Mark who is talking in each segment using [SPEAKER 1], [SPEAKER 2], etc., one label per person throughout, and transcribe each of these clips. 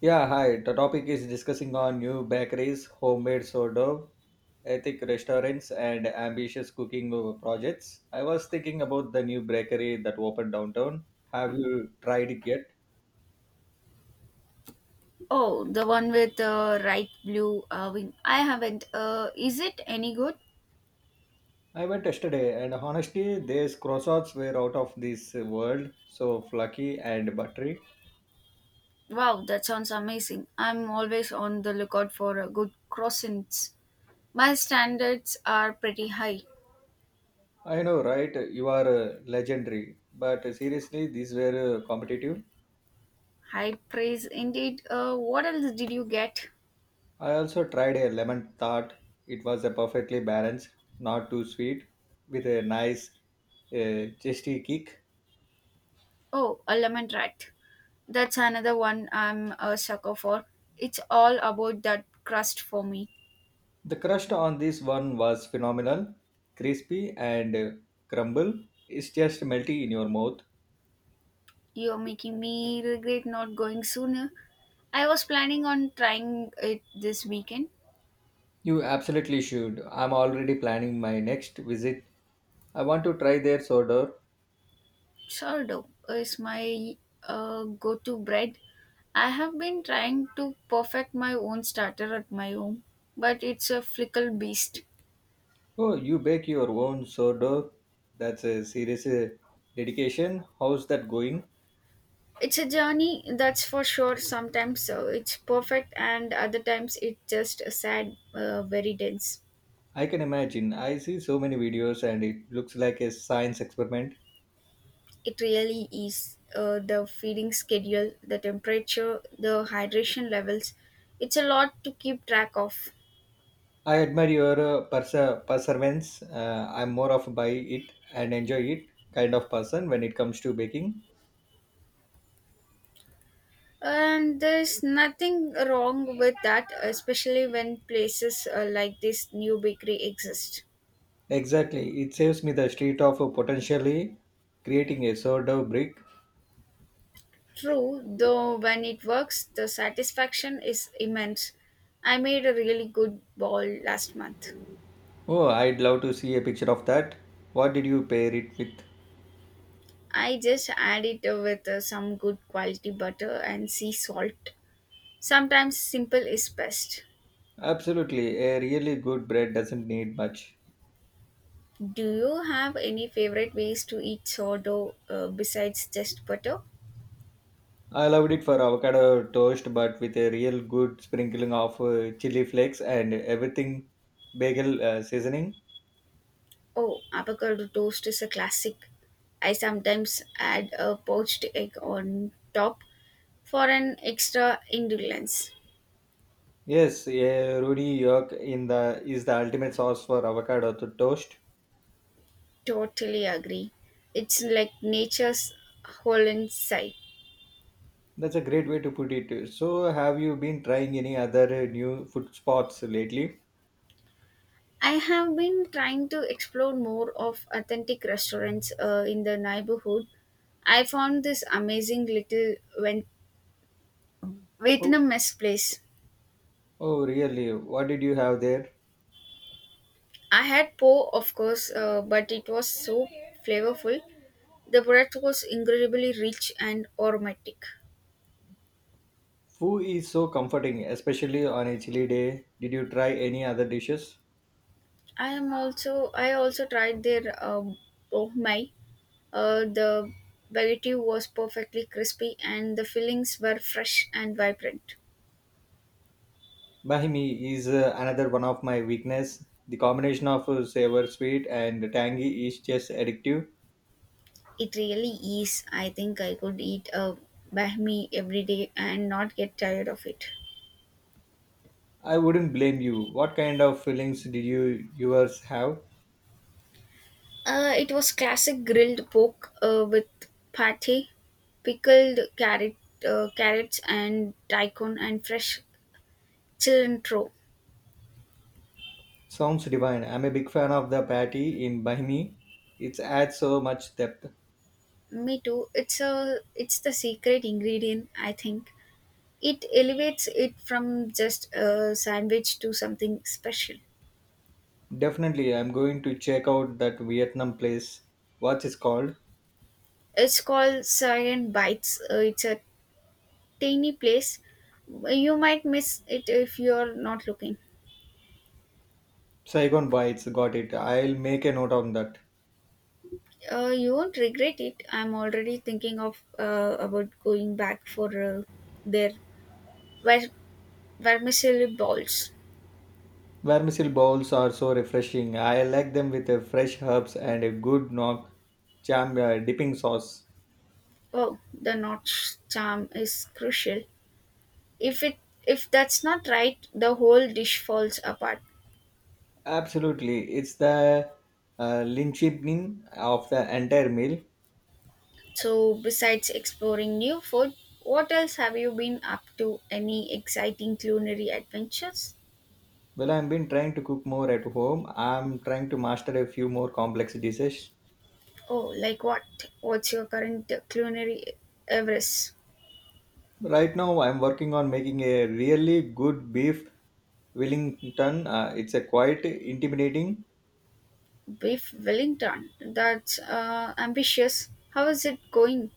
[SPEAKER 1] Yeah, hi. The topic is discussing on new bakeries, homemade sourdough, ethic restaurants, and ambitious cooking projects. I was thinking about the new bakery that opened downtown. Have you tried it yet?
[SPEAKER 2] Oh, the one with right blue wing. I haven't. Is it any good?
[SPEAKER 1] I went yesterday, and honestly, these croissants were out of this world. So fluffy and buttery.
[SPEAKER 2] Wow, that sounds amazing. I'm always on the lookout for good croissants. My standards are pretty high.
[SPEAKER 1] I know, right? You are legendary, but seriously, these were competitive.
[SPEAKER 2] High praise indeed. What else did you get?
[SPEAKER 1] I also tried a lemon tart. It was a perfectly balanced, not too sweet, with a nice zesty kick.
[SPEAKER 2] Oh, a lemon rat. That's another one I'm a sucker for. It's all about that crust for me.
[SPEAKER 1] The crust on this one was phenomenal, crispy and crumble. It's just melty in your mouth.
[SPEAKER 2] You're making me regret not going sooner. I was planning on trying it this weekend.
[SPEAKER 1] You absolutely should. I'm already planning my next visit. I want to try their sourdough.
[SPEAKER 2] Sourdough is my go to bread. I have been trying to perfect my own starter at my home, but it's a fickle beast.
[SPEAKER 1] Oh, you bake your own sourdough? That's a serious dedication. How's that going?
[SPEAKER 2] It's a journey, that's for sure. Sometimes it's perfect, and other times it's just a sad, very dense.
[SPEAKER 1] I can imagine. I see so many videos and it looks like a science experiment.
[SPEAKER 2] It really is the feeding schedule, the temperature, the hydration levels. It's a lot to keep track of.
[SPEAKER 1] I admire your perseverance. I'm more of a buy it and enjoy it kind of person when it comes to baking.
[SPEAKER 2] And there's nothing wrong with that, especially when places like this new bakery exist.
[SPEAKER 1] Exactly. It saves me the street of potentially creating a sourdough brick.
[SPEAKER 2] True, though, when it works, the satisfaction is immense. I made a really good ball last month.
[SPEAKER 1] Oh, I'd love to see a picture of that. What did you pair it with?
[SPEAKER 2] I just add it with some good quality butter and sea salt. Sometimes simple is best.
[SPEAKER 1] Absolutely. A really good bread doesn't need much.
[SPEAKER 2] Do you have any favorite ways to eat sourdough besides just butter?
[SPEAKER 1] I loved it for avocado toast, but with a real good sprinkling of chili flakes and everything bagel seasoning.
[SPEAKER 2] Oh, avocado toast is a classic. I sometimes add a poached egg on top for an extra indulgence.
[SPEAKER 1] Yes, a Rudy York in the is the ultimate sauce for avocado to toast.
[SPEAKER 2] Totally agree. It's like nature's whole inside.
[SPEAKER 1] That's a great way to put it. So, have you been trying any other new food spots lately?
[SPEAKER 2] I have been trying to explore more of authentic restaurants in the neighborhood. I found this amazing little
[SPEAKER 1] Oh,
[SPEAKER 2] Vietnamese place.
[SPEAKER 1] oh, really? What did you have there?
[SPEAKER 2] I had po, of course, but it was so flavorful. The bread was incredibly rich and aromatic.
[SPEAKER 1] Foo is so comforting, especially on a chilly day. Did you try any other dishes?
[SPEAKER 2] I also tried their oh my, the baguette was perfectly crispy and the fillings were fresh and vibrant.
[SPEAKER 1] Bahimi is another one of my weakness. The combination of sour, sweet, and tangy is just addictive.
[SPEAKER 2] It really is. I think I could eat a bahmi every day and not get tired of it.
[SPEAKER 1] I wouldn't blame you. What kind of feelings did you yours have?
[SPEAKER 2] It was classic grilled pork with pate, pickled carrot, carrots, and daikon, and fresh cilantro.
[SPEAKER 1] Sounds divine. I'm a big fan of the patty in Bahimi. It adds so much depth.
[SPEAKER 2] Me too. It's the secret ingredient. I think it elevates it from just a sandwich to something special.
[SPEAKER 1] Definitely, I'm going to check out that Vietnam place. What's it called?
[SPEAKER 2] It's called Sayan Bites. It's a tiny place. You might miss it if you're not looking.
[SPEAKER 1] Saigon Bites. Got it. I'll make a note on that.
[SPEAKER 2] You won't regret it. I'm already thinking of about going back for their ver- vermicelli balls.
[SPEAKER 1] Vermicelli bowls are so refreshing. I like them with a fresh herbs and a good knock jam dipping sauce.
[SPEAKER 2] Oh, the notch charm is crucial. If it if that's not right, the whole dish falls apart.
[SPEAKER 1] Absolutely, it's the linchpin of the entire meal.
[SPEAKER 2] So, besides exploring new food, what else have you been up to? Any exciting culinary adventures?
[SPEAKER 1] Well, I've been trying to cook more at home. I'm trying to master a few more complex dishes.
[SPEAKER 2] Oh, like what? What's your current culinary Everest?
[SPEAKER 1] Right now, I'm working on making a really good beef Wellington. It's a quite intimidating.
[SPEAKER 2] Biff Wellington. That's ambitious. How is it going?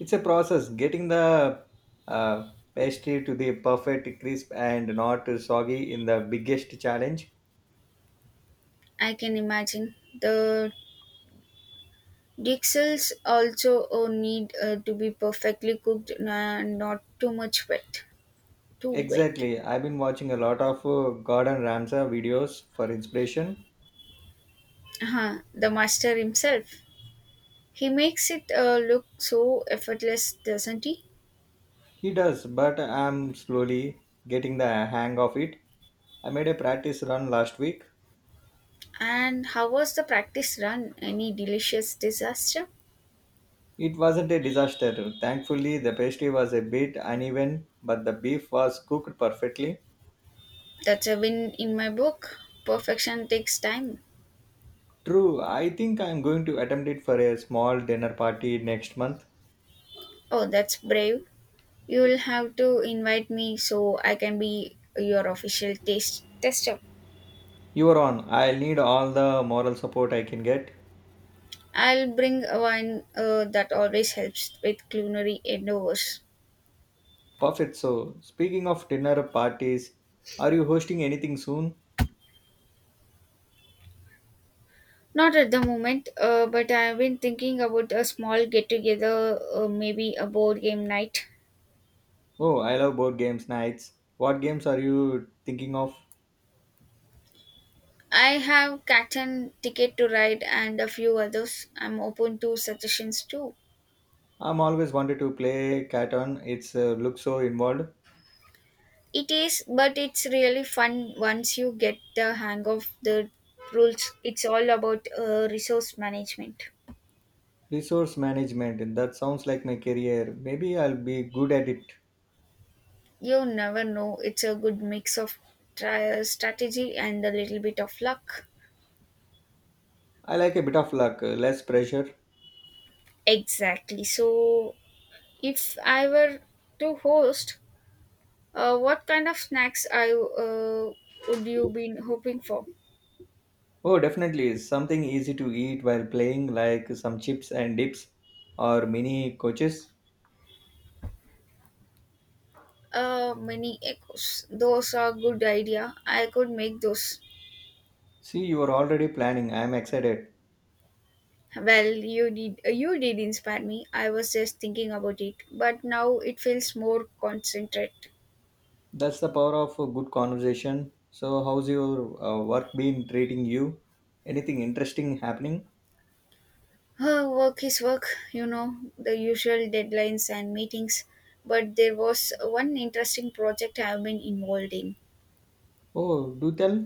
[SPEAKER 1] It's a process getting the uh, pastry to the perfect crisp and not soggy in the biggest challenge.
[SPEAKER 2] I can imagine. The Dixels also need to be perfectly cooked and not too much wet. Too wet.
[SPEAKER 1] Exactly. I've been watching a lot of Gordon Ramsay videos for inspiration.
[SPEAKER 2] Uh-huh. The master himself. He makes it look so effortless, doesn't he?
[SPEAKER 1] He does, but I'm slowly getting the hang of it. I made a practice run last week.
[SPEAKER 2] And how was the practice run? Any delicious disaster?
[SPEAKER 1] It wasn't a disaster. Thankfully, the pastry was a bit uneven, but the beef was cooked perfectly.
[SPEAKER 2] That's a win in my book. Perfection takes time.
[SPEAKER 1] True, I think I'm going to attempt it for a small dinner party next month.
[SPEAKER 2] Oh, that's brave. You'll have to invite me so I can be your official taste tester.
[SPEAKER 1] You are on. I'll need all the moral support I can get.
[SPEAKER 2] I'll bring a wine that always helps with culinary endeavors.
[SPEAKER 1] Perfect. So, speaking of dinner parties, are you hosting anything soon?
[SPEAKER 2] Not at the moment, but I've been thinking about a small get together, maybe a board game night.
[SPEAKER 1] Oh, I love board games nights. What games are you thinking of?
[SPEAKER 2] I have Captain Ticket to Ride and a few others. I'm open to suggestions too.
[SPEAKER 1] I'm always wanted to play Catan. It's looks so involved.
[SPEAKER 2] It is, but it's really fun once you get the hang of the rules. It's all about resource management.
[SPEAKER 1] Resource management. And That sounds like my career. Maybe I'll be good at it.
[SPEAKER 2] You never know. It's a good mix of strategy and a little bit of luck.
[SPEAKER 1] I like a bit of luck, less pressure.
[SPEAKER 2] Exactly. So, if I were to host, what kind of snacks I would you been hoping for?
[SPEAKER 1] Oh, definitely. Something easy to eat while playing, like some chips and dips or mini coaches.
[SPEAKER 2] Mini echoes. Those are good idea. I could make those.
[SPEAKER 1] See, you are already planning. I am excited.
[SPEAKER 2] Well, you did. You did inspire me. I was just thinking about it, but now it feels more concentrated.
[SPEAKER 1] That's the power of a good conversation. So, how's your work been treating you? Anything interesting happening?
[SPEAKER 2] Work is work, you know, the usual deadlines and meetings. But there was one interesting project I've been involved in.
[SPEAKER 1] Oh, do tell.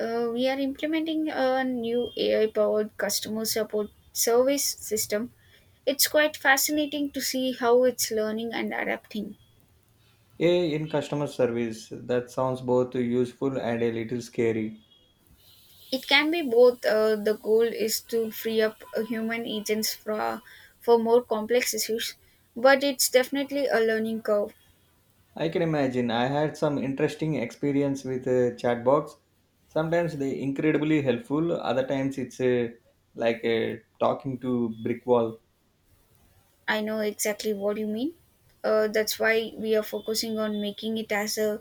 [SPEAKER 2] We are implementing a new AI powered customer support service system. It's quite fascinating to see how it's learning and adapting.
[SPEAKER 1] A I in customer service. That sounds both useful and a little scary.
[SPEAKER 2] It can be both. The goal is to free up human agents for more complex issues, but it's definitely a learning curve.
[SPEAKER 1] I can imagine. I had some interesting experience with chatbots. Sometimes they incredibly helpful. Other times it's talking to brick wall.
[SPEAKER 2] I know exactly what you mean. That's why we are focusing on making it as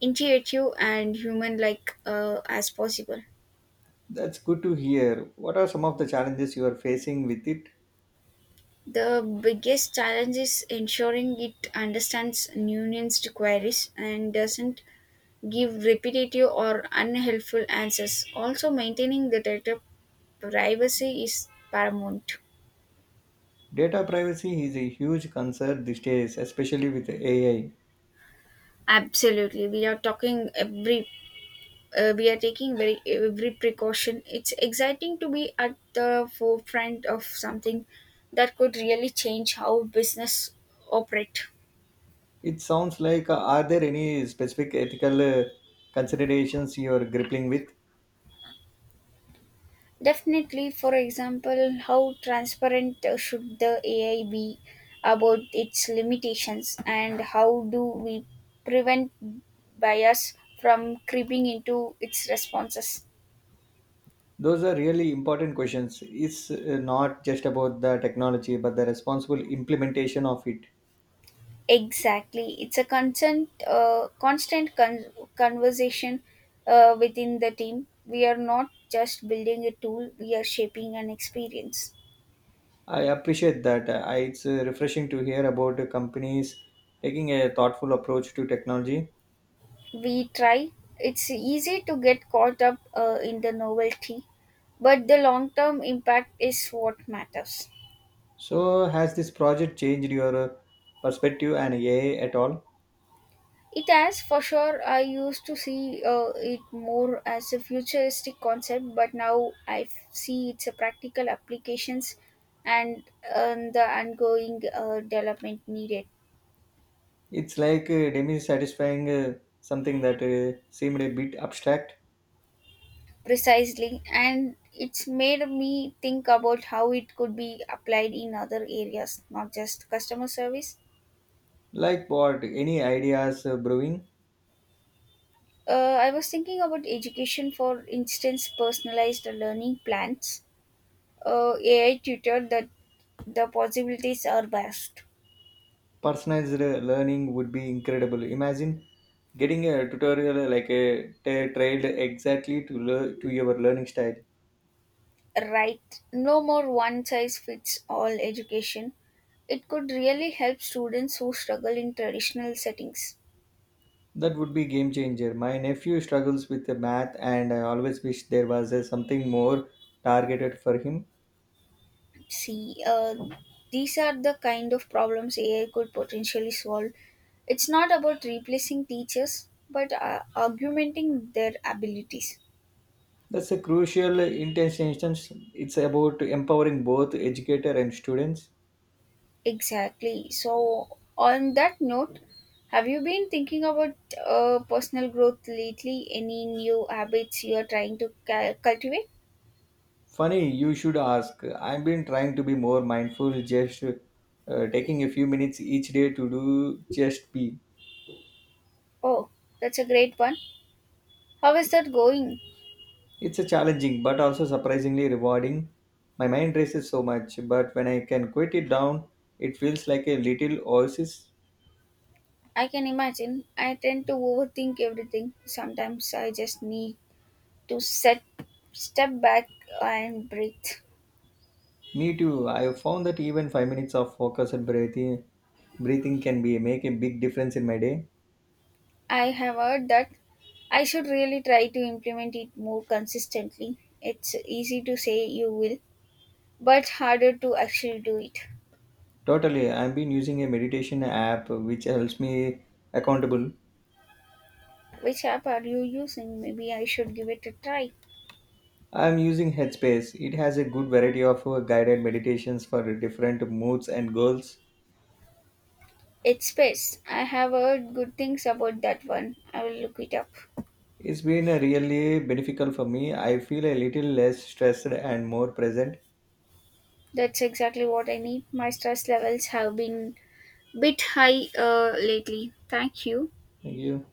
[SPEAKER 2] intuitive and human-like as possible.
[SPEAKER 1] That's good to hear. What are some of the challenges you are facing with it?
[SPEAKER 2] The biggest challenge is ensuring it understands nuanced queries and doesn't give repetitive or unhelpful answers. Also, maintaining the data privacy is paramount.
[SPEAKER 1] Data privacy is a huge concern these days, especially with AI.
[SPEAKER 2] Absolutely, we are taking very every precaution. It's exciting to be at the forefront of something that could really change how business operate.
[SPEAKER 1] It sounds like, are there any specific ethical considerations you are grappling with?
[SPEAKER 2] Definitely, for example, how transparent should the AI be about its limitations, and how do we prevent bias from creeping into its responses?
[SPEAKER 1] Those are really important questions. It's not just about the technology, but the responsible implementation of it.
[SPEAKER 2] Exactly. It's a conversation within the team. We are not just building a tool, we are shaping an experience.
[SPEAKER 1] I appreciate that. It's refreshing to hear about companies taking a thoughtful approach to technology.
[SPEAKER 2] We try. It's easy to get caught up in the novelty, but the long term impact is what matters.
[SPEAKER 1] So, has this project changed your perspective and AI at all?
[SPEAKER 2] It has for sure. I used to see it more as a futuristic concept, but now I see its a practical applications and, and the ongoing development needed.
[SPEAKER 1] It's like demi-satisfying something that seemed a bit abstract.
[SPEAKER 2] Precisely, and it's made me think about how it could be applied in other areas, not just customer service.
[SPEAKER 1] Like what? Any ideas brewing?
[SPEAKER 2] I was thinking about education, for instance, personalized learning plans, AI tutor. That the possibilities are vast.
[SPEAKER 1] Personalized learning would be incredible. Imagine getting a tutorial trailed exactly to to your learning style.
[SPEAKER 2] Right, no more one size fits all education. It could really help students who struggle in traditional settings.
[SPEAKER 1] That would be game changer. My nephew struggles with the math, and I always wish there was something more targeted for him.
[SPEAKER 2] See, these are the kind of problems AI could potentially solve. It's not about replacing teachers but augmenting their abilities.
[SPEAKER 1] That's a crucial intention. It's about empowering both educator and students.
[SPEAKER 2] Exactly. So on that note, have you been thinking about personal growth lately? Any new habits you are trying to cultivate?
[SPEAKER 1] Funny, you should ask. I've been trying to be more mindful, just taking a few minutes each day to do just be.
[SPEAKER 2] Oh, that's a great one. How is that going?
[SPEAKER 1] It's a challenging but also surprisingly rewarding. My mind races so much, but when I can quit it down, it feels like a little oasis.
[SPEAKER 2] I can imagine. I tend to overthink everything. Sometimes I just need to set step back and breathe.
[SPEAKER 1] Me too. I have found that even 5 minutes of focused breathing can be make a big difference in my day.
[SPEAKER 2] I have heard that. I should really try to implement it more consistently. It's easy to say you will, but harder to actually do it.
[SPEAKER 1] Totally, I've been using a meditation app which helps me accountable.
[SPEAKER 2] Which app are you using? Maybe I should give it a try.
[SPEAKER 1] I'm using Headspace. It has a good variety of guided meditations for different moods and goals.
[SPEAKER 2] It's Space. I have heard good things about that one. I will look it up.
[SPEAKER 1] It's been really beneficial for me. I feel a little less stressed and more present.
[SPEAKER 2] That's exactly what I need. My stress levels have been bit high lately. Thank you.
[SPEAKER 1] Thank you.